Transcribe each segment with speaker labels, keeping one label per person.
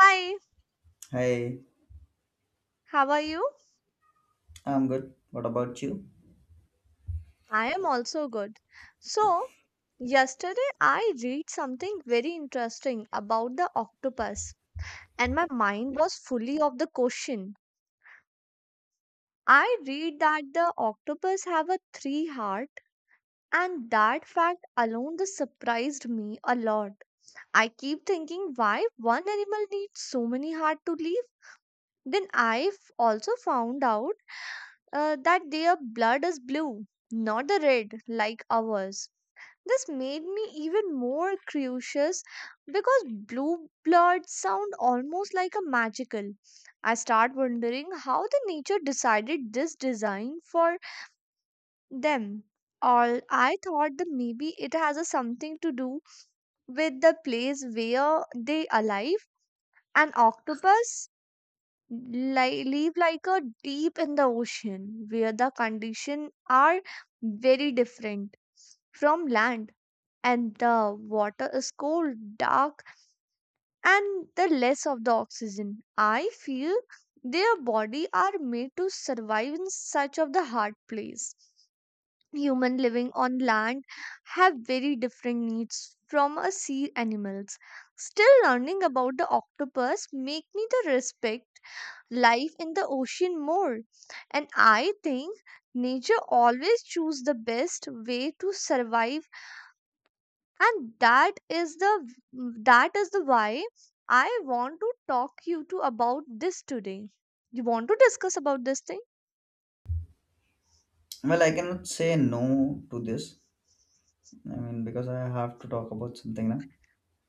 Speaker 1: Hi,
Speaker 2: Hi,
Speaker 1: how are you?
Speaker 2: I'm good. What about you?
Speaker 1: I am also good. So, yesterday I read something very interesting about the octopus, and my mind was fully of the question. I read that the octopus have a three heart, and that fact alone the surprised me a lot. I keep thinking why one animal needs so many heart to live. Then i also found out that their blood is blue, not the red like ours. This made me even more curious because blue blood sound almost like a magical. I start wondering how the nature decided this design for them. Or I thought that maybe it has a something to do with the place where they alive. An octopus live like a deep in the ocean where the conditions are very different from land and the water is cold dark and the less of the oxygen I feel their body are made to survive in such of the hard place human living on land have very different needs from a sea animals still learning about the octopus make me the respect life in the ocean more. And I think nature always choose the best way to survive and that is the why I want to talk you to about this today. You want to discuss about this thing?
Speaker 2: Well, I cannot say no to this. I mean, because I have to talk about something now.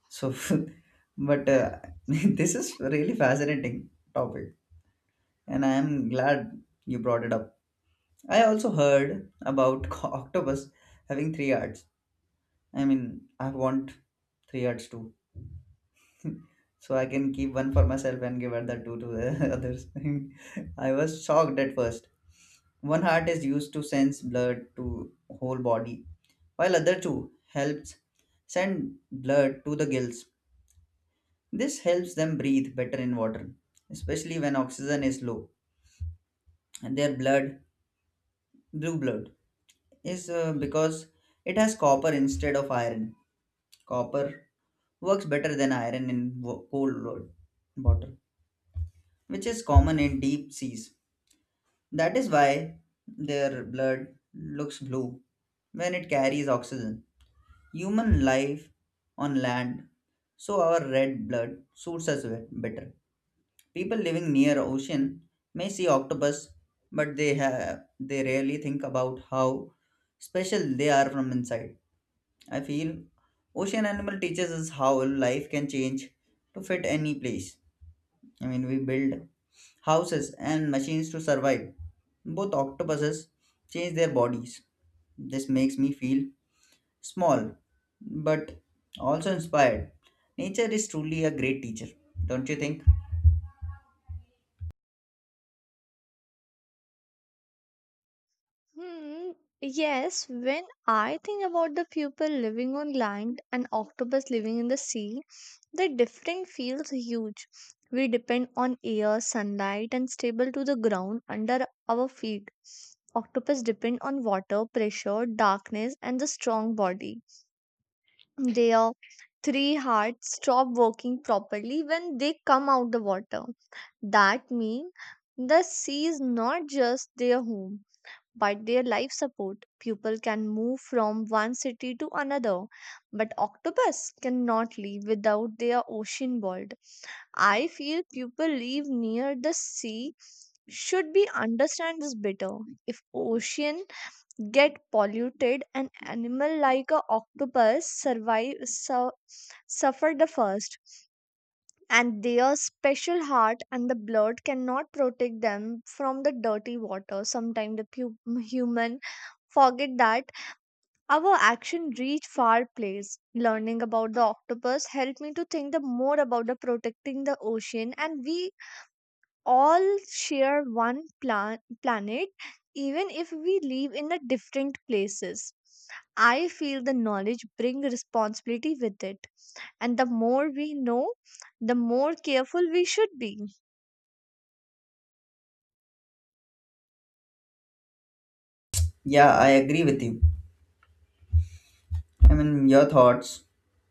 Speaker 2: So, but this is really fascinating topic, and I am glad you brought it up. I also heard about octopus having three hearts. I mean, I want three hearts too. So I can keep one for myself and give other two to the others. I was shocked at first. One heart is used to sense blood to whole body, while other two helps send blood to the gills. This helps them breathe better in water, especially when oxygen is low. And their blood, blue blood, is because it has copper instead of iron. Copper works better than iron in cold blood water, which is common in deep seas. That is why their blood looks blue when it carries oxygen. Human life on land, so our red blood suits us better. People living near ocean may see octopus, but they rarely think about how special they are from inside. I feel ocean animal teaches us how life can change to fit any place. I mean, we build houses, and machines to survive. Both octopuses change their bodies. This makes me feel small, but also inspired. Nature is truly a great teacher, don't you think?
Speaker 1: Hmm, yes, when I think about the people living on land and octopus living in the sea, the difference feels huge. We depend on air, sunlight, and stable to the ground under our feet. Octopus depend on water, pressure, darkness, and the strong body. Their three hearts stop working properly when they come out the water. That means the sea is not just their home but their life support. People can move from one city to another, but octopus cannot live without their ocean world. I feel people live near the sea should be understand this better. If ocean get polluted, an animal like a octopus survive suffer the first and their special heart and the blood cannot protect them from the dirty water. Sometimes the human forget that our action reach far place. Learning about the octopus helped me to think the more about the protecting the ocean, and we all share one planet, even if we live in a different places. I feel the knowledge bring responsibility with it and the more we know the more careful we should be.
Speaker 2: Yeah, I agree with you. I mean, your thoughts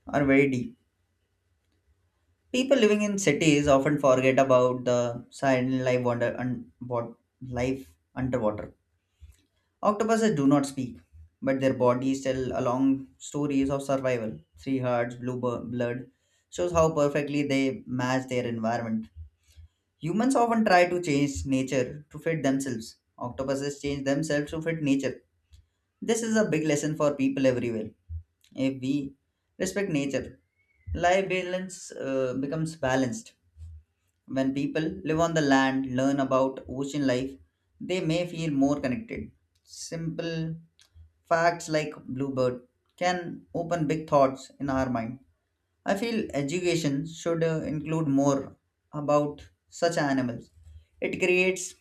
Speaker 2: are very deep. People living in cities often forget about the silent life wonder and what life underwater. Octopuses do not speak, but their bodies tell a long stories of survival. Three hearts, blood shows how perfectly they match their environment. Humans often try to change nature to fit themselves. Octopuses change themselves to fit nature. This is a big lesson for people everywhere. If we respect nature, life balance becomes balanced. When people live on the land, learn about ocean life, they may feel more connected. Simple facts like Bluebird can open big thoughts in our mind. I feel education should include more about such animals. It creates,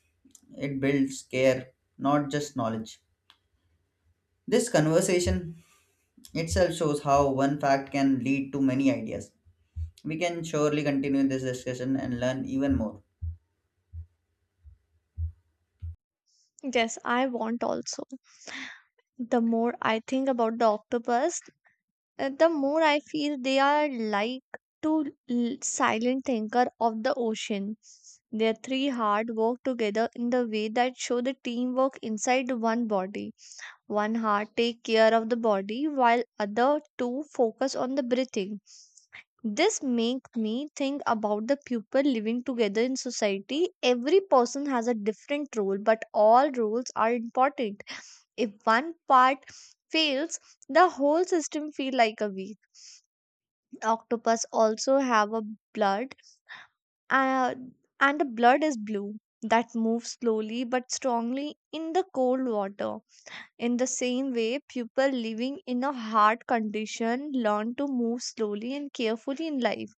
Speaker 2: it builds care, not just knowledge. This conversation itself shows how one fact can lead to many ideas. We can surely continue this discussion and learn even more.
Speaker 1: Yes, I want also the more I think about the octopus, the more I feel they are like two silent thinker of the ocean. Their three heart work together in the way that show the teamwork inside one body. One heart take care of the body while other two focus on the breathing. This make me think about the people living together in society. Every person has a different role but all roles are important. If one part fails the whole system feel like a weak. Octopus also have a blood, uh, and the blood is blue that moves slowly but strongly in the cold water. In the same way, people living in a hard condition learn to move slowly and carefully in life.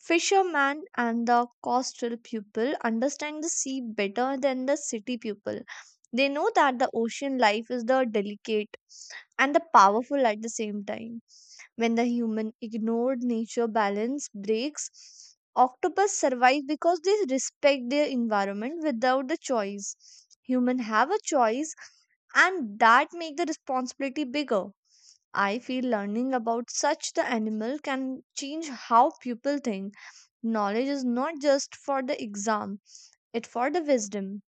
Speaker 1: Fishermen and the coastal people understand the sea better than the city people. They know that the ocean life is the delicate and the powerful at the same time. When the human ignored nature balance breaks, octopus survive because they respect their environment without the choice. Human have a choice and that make the responsibility bigger. I feel learning about such the animal can change how people think. Knowledge is not just for the exam, it for the wisdom.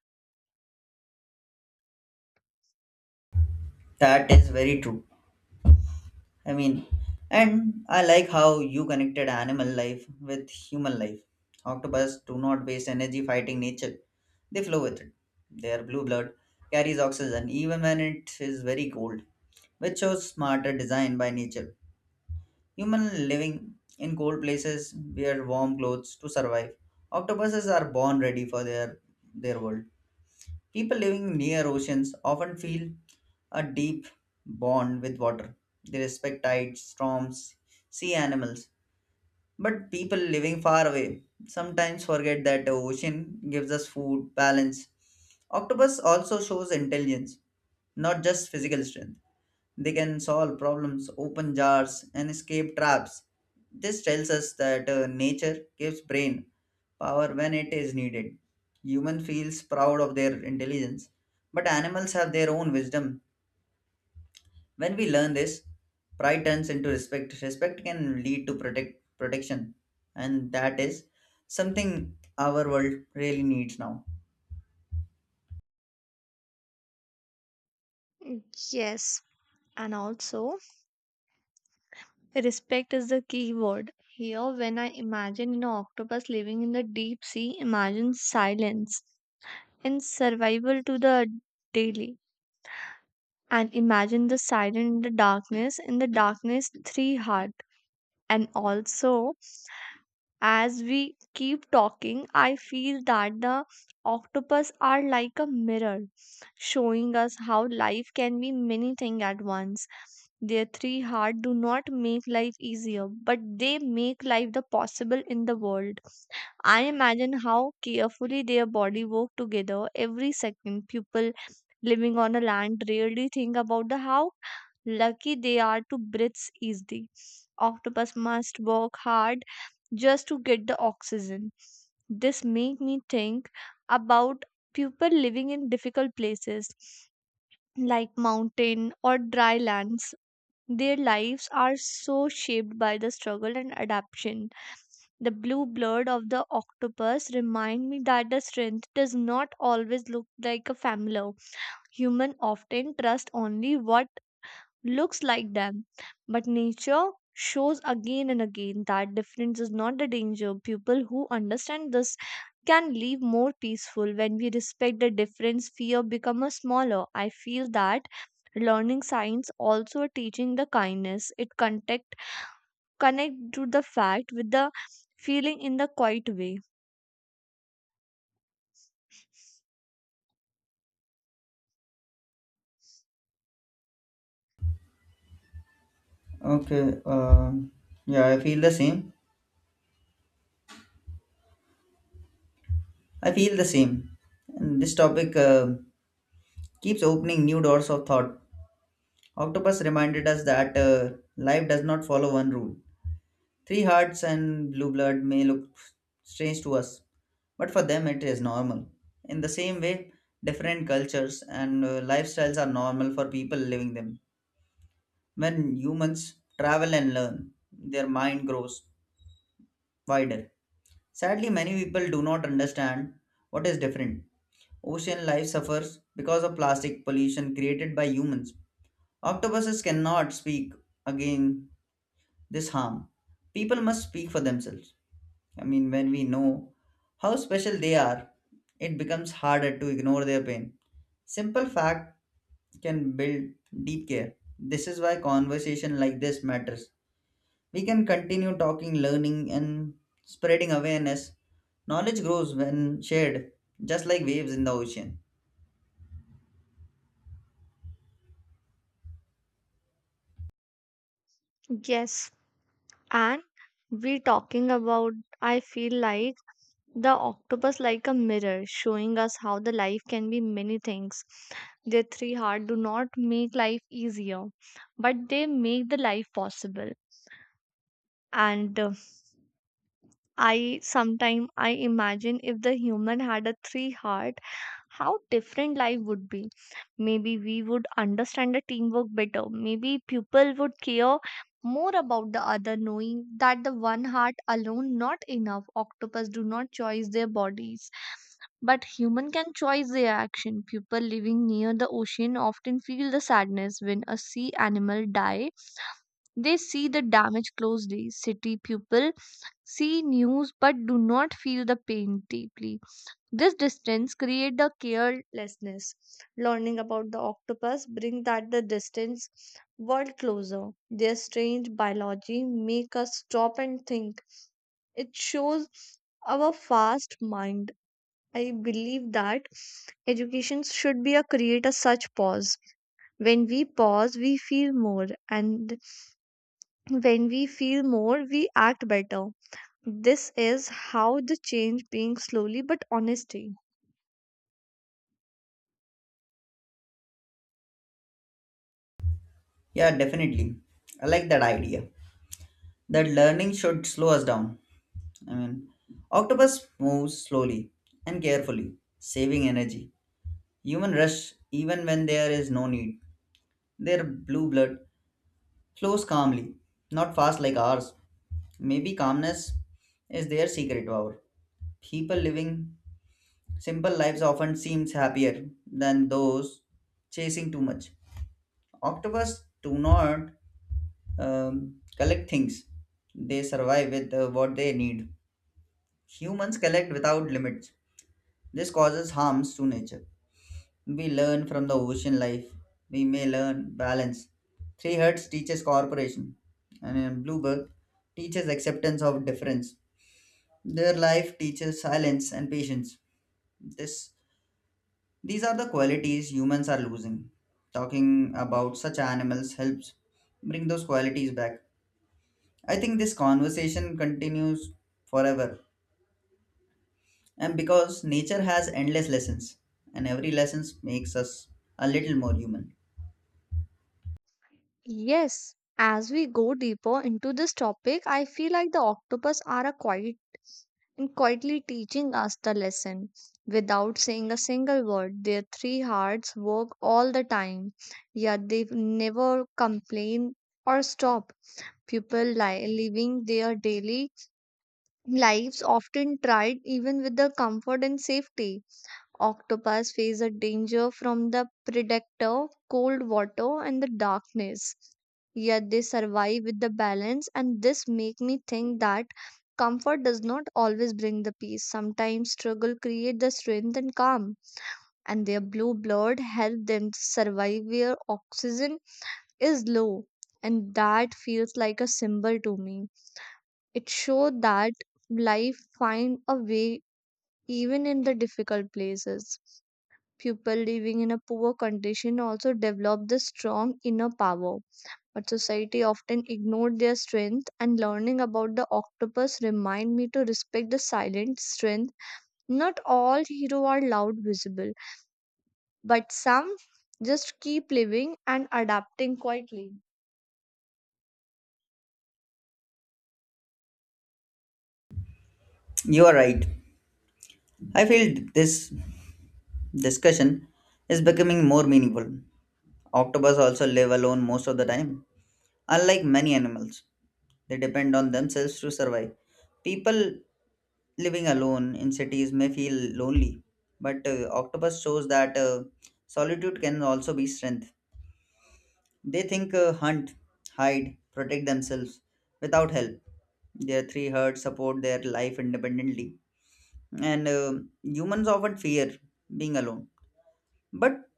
Speaker 2: That is very true. I mean, and I like how you connected animal life with human life. Octopus do not waste energy fighting nature, they flow with it. Their blue blood carries oxygen even when it is very cold, which shows smarter design by nature. Human living in cold places wear warm clothes to survive. Octopuses are born ready for their world. People living near oceans often feel a deep bond with water. They respect tides, storms, sea animals. But people living far away sometimes forget that the ocean gives us food, balance. Octopus also shows intelligence, not just physical strength. They can solve problems, open jars, and escape traps. This tells us that nature gives brain power when it is needed. Human feels proud of their intelligence, but animals have their own wisdom. When we learn this, pride turns into respect. Respect can lead to protection, and that is something our world really needs now.
Speaker 1: Mm, yes, and also respect is the key word. Here when I imagine an octopus living in the deep sea, imagine silence and survival to the daily. And imagine the silence in the darkness three heart. And also as we keep talking, I feel that the octopus are like a mirror, showing us how life can be many things at once. Their three hearts do not make life easier, but they make life the possible in the world. I imagine how carefully their body work together every second. People living on a land rarely think about the how lucky they are to breathe easily. Octopus must work hard just to get the oxygen. This make me think about people living in difficult places like mountain or dry lands. Their lives are so shaped by the struggle and adaptation. The blue blood of the octopus remind me that the strength does not always look like a familiar. Human often trust only what looks like them. But nature shows again and again that difference is not the danger. People who understand this can live more peaceful when we respect the difference fear becomes smaller. I feel that learning science also teaching the kindness. It connect to the fact with the feeling in the quiet way.
Speaker 2: Okay. Yeah, I feel the same. I feel the same. And this topic keeps opening new doors of thought. Octopus reminded us that life does not follow one rule. Three hearts and blue blood may look strange to us, but for them it is normal. In the same way, different cultures and lifestyles are normal for people living them. When humans travel and learn, their mind grows wider. Sadly, many people do not understand what is different. Ocean life suffers because of plastic pollution created by humans. Octopuses cannot speak again this harm. People must speak for themselves. I mean, when we know how special they are, it becomes harder to ignore their pain. Simple fact can build deep care. This is why conversation like this matters. We can continue talking, learning, and spreading awareness. Knowledge grows when shared, just like waves in the ocean.
Speaker 1: Yes, and we talking about I feel like the octopus like a mirror, showing us how the life can be many things. Their three heart do not make life easier, but they make the life possible. And I sometime I imagine if the human had a three heart, how different life would be. Maybe we would understand the teamwork better. Maybe people would care more about the other, knowing that the one heart alone not enough. Octopus do not choose their bodies. But human can choose their action. People living near the ocean often feel the sadness when a sea animal die. They see the damage closely. City people see news but do not feel the pain deeply. This distance creates the carelessness. Learning about the octopus brings that the distance world closer. Their strange biology make us stop and think. It shows our fast mind. I believe that education should be a create a such pause. When we pause, we feel more, and when we feel more, we act better. This is how the change being slowly but honesty.
Speaker 2: Yeah, definitely. I like that idea. That learning should slow us down. I mean, octopus moves slowly and carefully, saving energy. Human rush even when there is no need. Their blue blood flows calmly, not fast like ours. Maybe calmness is their secret power. People living simple lives often seems happier than those chasing too much. Octopus do not collect things; they survive with what they need. Humans collect without limits. This causes harms to nature. We learn from the ocean life. We may learn balance. Three Hertz teaches cooperation, and in Bluebird teaches acceptance of difference. Their life teaches silence and patience. This, these are the qualities humans are losing. Talking about such animals helps bring those qualities back. I think this conversation continues forever, and because nature has endless lessons, and every lesson makes us a little more human.
Speaker 1: Yes, as we go deeper into this topic, I feel like the octopus are a quiet and quietly teaching us the lesson. Without saying a single word, their three hearts work all the time, yet they never complain or stop. People living their daily lives often tried even with the comfort and safety. Octopus face a danger from the predator, cold water, and the darkness. Yet they survive with the balance, and this make me think that comfort does not always bring the peace. Sometimes struggle create the strength and calm, and their blue blood help them to survive where oxygen is low. And that feels like a symbol to me. It shows that life find a way even in the difficult places. People living in a poor condition also develop the strong inner power, but society often ignored their strength and learning about the octopus remind me to respect the silent strength. Not all heroes are loud visible, but some just keep living and adapting quietly.
Speaker 2: You are right. I feel this discussion is becoming more meaningful. Octopus also live alone most of the time. Unlike many animals, they depend on themselves to survive. People living alone in cities may feel lonely, but octopus shows that solitude can also be strength. They think, hunt, hide, protect themselves without help. Their three herds support their life independently. And humans often fear being alone, but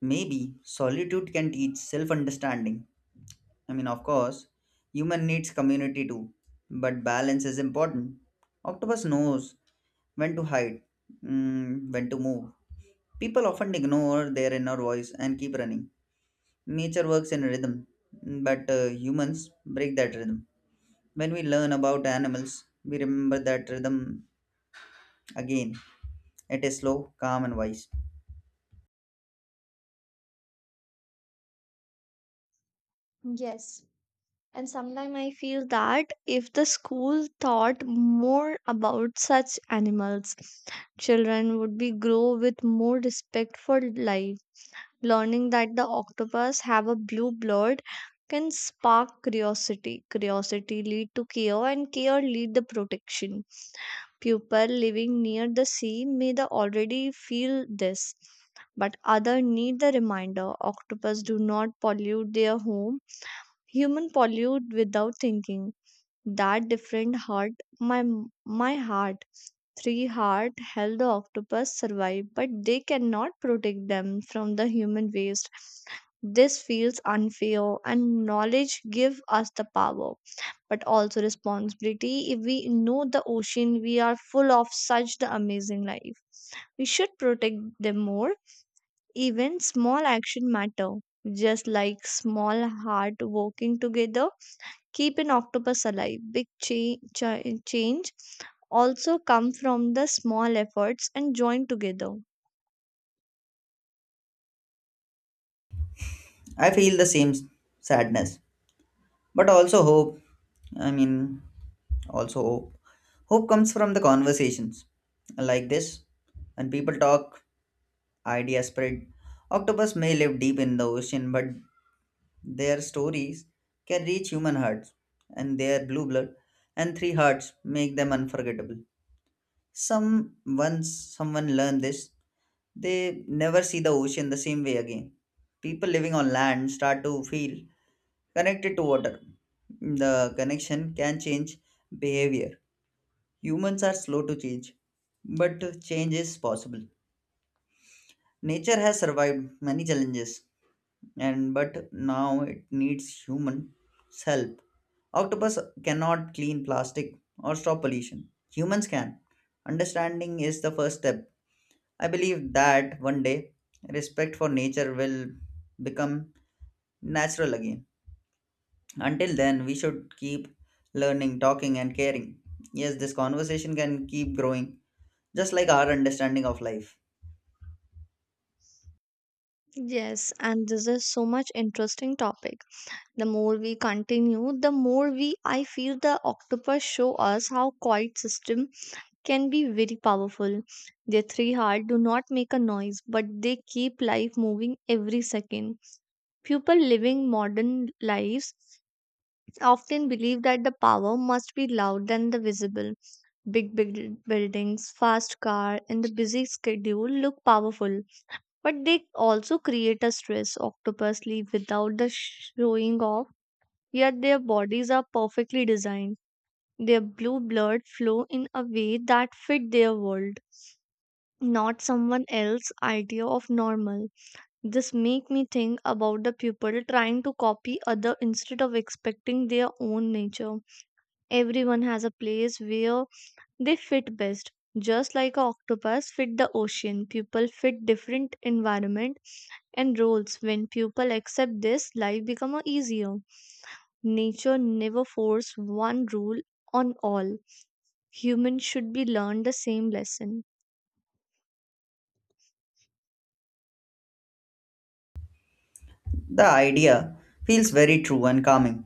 Speaker 2: maybe solitude can teach self understanding. I mean, of course, human needs community too, but balance is important. Octopus knows when to hide, when to move. People often ignore their inner voice and keep running. Nature works in rhythm, but humans break that rhythm. When we learn about animals, we remember that rhythm again. It is slow, calm, and wise.
Speaker 1: Yes. And sometimes I feel that if the school thought more about such animals, children would be grow with more respect for life. Learning that the octopus have a blue blood can spark curiosity. Curiosity lead to care and care lead the protection. People living near the sea may the already feel this, but other need the reminder. Octopus do not pollute their home. Human pollute without thinking. That different hurt my my heart. Three heart help the octopus survive, but they cannot protect them from the human waste. This feels unfair, and knowledge gives us the power, but also responsibility. If we know the ocean, we are full of such the amazing life. We should protect them more. Even small action matter, just like small heart working together keep an octopus alive. Big change also come from the small efforts and join together.
Speaker 2: I feel the sadness but also hope. I mean, also hope hope comes from the conversations like this, and people talk, ideas spread. Octopus may live deep in the ocean, but their stories can reach human hearts, and their blue blood and three hearts make them unforgettable. Some once someone learned this, they never see the ocean the same way again. People living on land start to feel connected to water. The connection can change behavior. Humans are slow to change, but change is possible. Nature has survived many challenges, and but now it needs human help. Octopus cannot clean plastic or stop pollution. Humans can. Understanding is the first step. I believe that one day respect for nature will become natural again. Until then, we should keep learning, talking, and caring. Yes, this conversation can keep growing, just like our understanding of life.
Speaker 1: Yes, and this is so much interesting topic. The more we continue, the more we I feel the octopus show us how quiet system can be very powerful. Their three heart do not make a noise, but they keep life moving every second. People living modern lives often believe that the power must be loud and the visible. Big buildings, fast car, and the busy schedule look powerful, but they also create a stress. Octopus live without the showing off, yet their bodies are perfectly designed. Their blue blood flow in a way that fit their world, not someone else's idea of normal. This make me think about the people trying to copy other instead of expecting their own nature. Everyone has a place where they fit best. Just like a octopus fit the ocean, people fit different environment and roles. When people accept this, life become a easier. Nature never force one rule on all. Humans should be learned the same lesson.
Speaker 2: The idea feels very true and calming.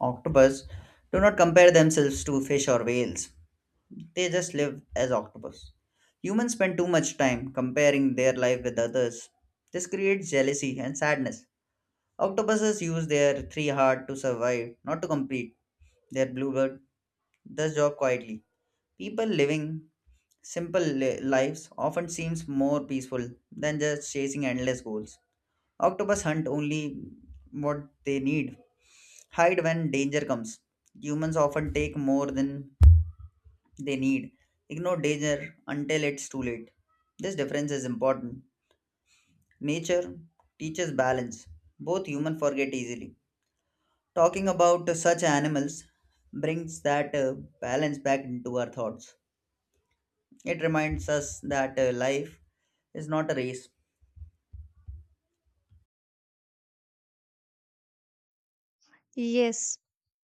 Speaker 2: Octopus do not compare themselves to fish or whales, they just live as octopus. Humans spend too much time comparing their life with others. This creates jealousy and sadness. Octopuses use their three heart to survive, not to compete. Their bluebird does job quietly. People living lives often seems more peaceful than just chasing endless goals. Octopus hunt only what they need, hide when danger comes. Humans often take more than they need, ignore danger until it's too late. This difference is important. Nature teaches balance. Both human forget easily. Talking about such animals brings that balance back into our thoughts. It reminds us that life is not a race.
Speaker 1: Yes,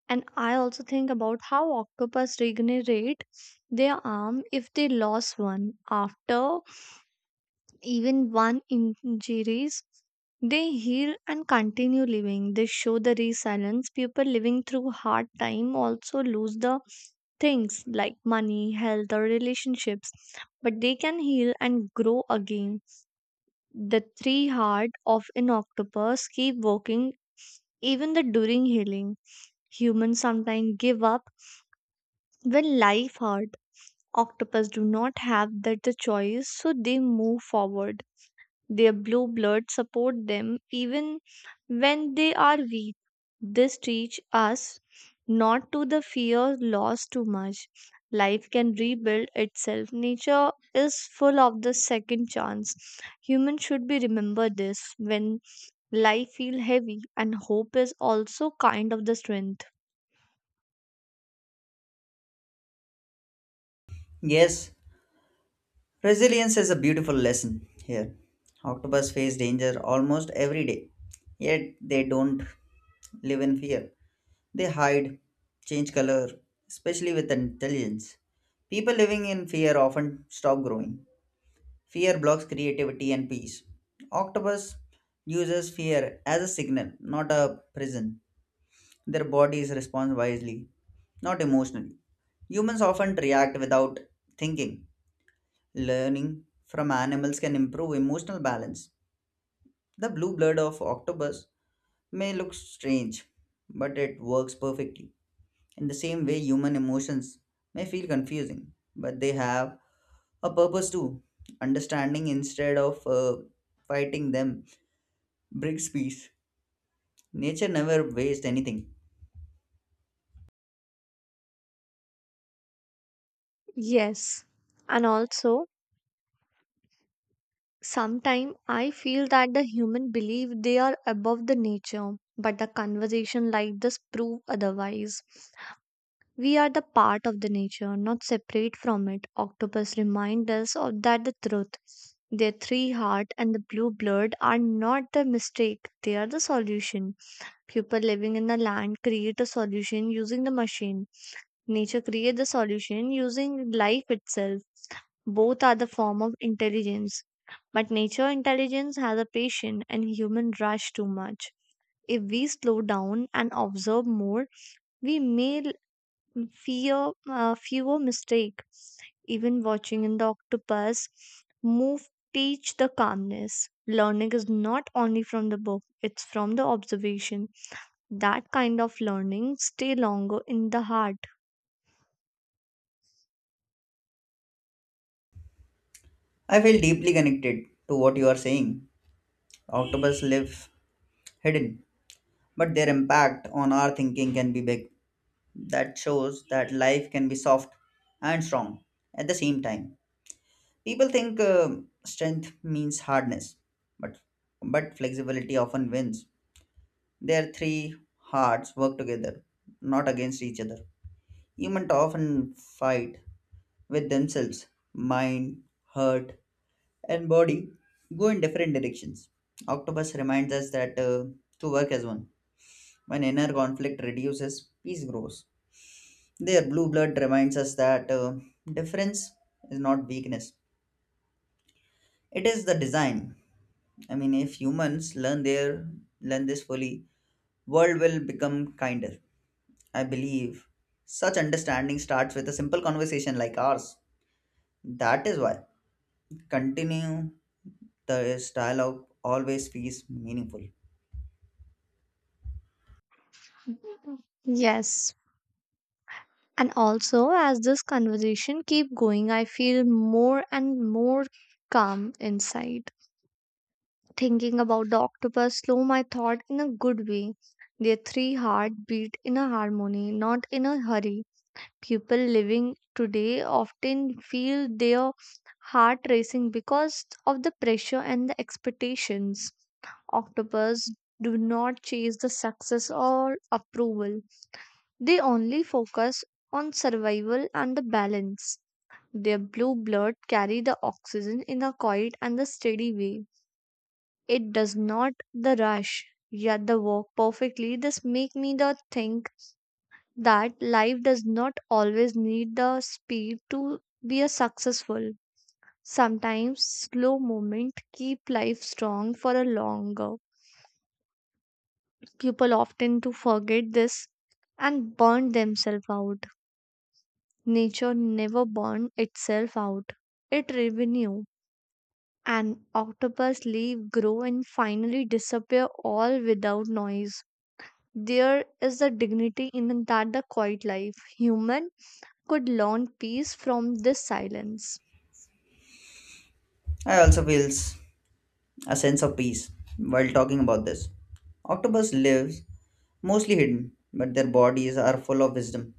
Speaker 1: and I also think about how octopus regenerate their arm if they lost one after even one injuries they heal and continue living. They show the resilience. People living through hard time also lose the things like money, health, or relationships, but they can heal and grow again. The three heart of an octopus keep working even the during healing. Humans sometimes give up when life hurt. Octopus do not have that the choice, so they move forward. Their blue blood support them even when they are weak. This teach us not to the fear loss too much. Life can rebuild itself. Nature is full of the second chance. Humans should be remember this when life feel heavy, and hope is also kind of the strength.
Speaker 2: Yes, resilience is a beautiful lesson here. Octopus face danger almost every day, yet they don't live in fear. They hide, change color, especially with intelligence. People living in fear often stop growing. Fear blocks creativity and peace. Octopus uses fear as a signal, not a prison. Their bodies respond wisely, not emotionally. Humans often react without thinking. Learning from animals can improve emotional balance. The blue blood of octopus may look strange, but it works perfectly. In the same way, human emotions may feel confusing, but they have a purpose too. Understanding instead of fighting them brings peace. Nature never wastes anything.
Speaker 1: Yes. And also sometimes I feel that the human believe they are above the nature, but the conversation like this prove otherwise. We are the part of the nature, not separate from it. Octopus remind us of that the truth. Their three heart and the blue blood are not the mistake, they are the solution. People living in the land create a solution using the machine. Nature create the solution using life itself. Both are the form of intelligence, but nature intelligence has a patient and human rush too much. If we slow down and observe more, we may fear fewer mistake. Even watching an octopus move teach the calmness. Learning is not only from the book; it's from the observation. That kind of learning stay longer in the heart.
Speaker 2: I feel deeply connected to what you are saying. Octopus live hidden, but their impact on our thinking can be big. That shows that life can be soft and strong at the same time. People think strength means hardness, but flexibility often wins. Their three hearts work together, not against each other. Humans often fight with themselves. Mind, heart, and body go in different directions. Octopus reminds us that, to work as one. When inner conflict reduces, peace grows. Their blue blood reminds us that difference is not weakness. It is the design. I mean, if humans learn this fully, world will become kinder. I believe such understanding starts with a simple conversation like ours. That is why continue the dialogue always feels meaningful.
Speaker 1: Yes, and also, as this conversation keep going, I feel more and more calm inside. Thinking about the octopus slow my thought in a good way. Their three heart beat in a harmony, not in a hurry. People living today often feel their heart racing because of the pressure and the expectations. Octopus do not chase the success or approval, they only focus on survival and the balance. Their blue blood carry the oxygen in a quiet and the steady way. It does not the rush, yet the work perfectly. This make me the think that life does not always need the speed to be a successful. Sometimes slow movement keep life strong for a longer. People often to forget this and burn themselves out. Nature never burned itself out. It renewed, and octopus live, grow, and finally disappear all without noise. There is a dignity in that the quiet life. Human could learn peace from this silence.
Speaker 2: I also feels a sense of peace while talking about this. Octopus lives mostly hidden, but their bodies are full of wisdom.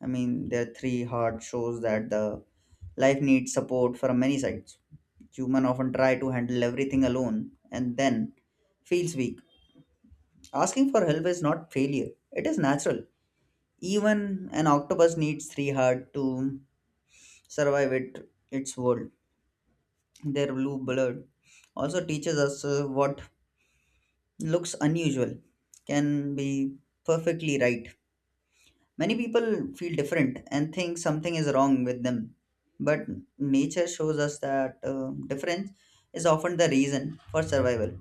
Speaker 2: I mean, their three heart shows that the life needs support from many sides. Human often try to handle everything alone and then feels weak. Asking for help is not failure; it is natural. Even an octopus needs three heart to survive its world. Their blue blood also teaches us what looks unusual can be perfectly right. Many people feel different and think something is wrong with them. But nature shows us that difference is often the reason for survival.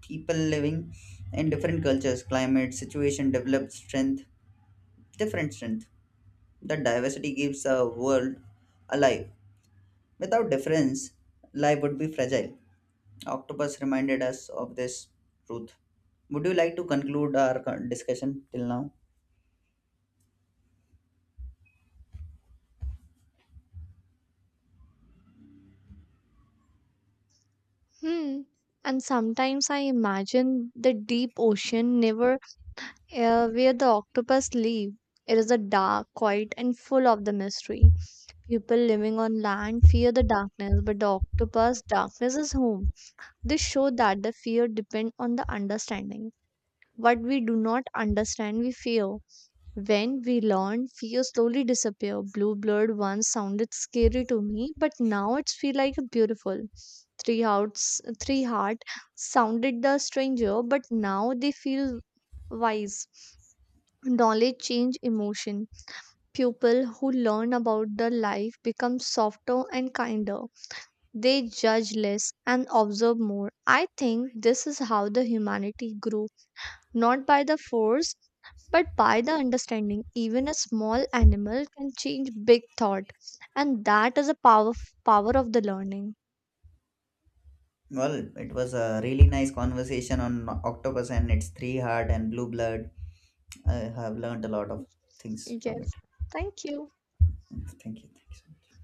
Speaker 2: People living in different cultures, climate, situation develop different strength. That diversity keeps a world alive. Without difference, life would be fragile. Octopus reminded us of this truth. Would you like to conclude our discussion till now?
Speaker 1: Hmm. And sometimes I imagine the deep ocean never where the octopus live. It is a dark, quiet, and full of the mystery. People living on land fear the darkness, but the octopus, darkness is home. This show that the fear depends on the understanding. What we do not understand, we fear. When we learn, fear slowly disappear. Blue blood once sounded scary to me, but now it's feel like a beautiful. Three hearts, three heart sounded the stranger, but now they feel wise. Knowledge change emotion. People who learn about the life become softer and kinder. They judge less and observe more. I think this is how the humanity grew, not by the force, but by the understanding. Even a small animal can change big thought, and that is a power of the learning.
Speaker 2: Well, it was a really nice conversation on octopus and its three heart and blue blood. I have learned a lot of things from it.
Speaker 1: Yes. Thank you.
Speaker 2: Thank you. Thank you so much.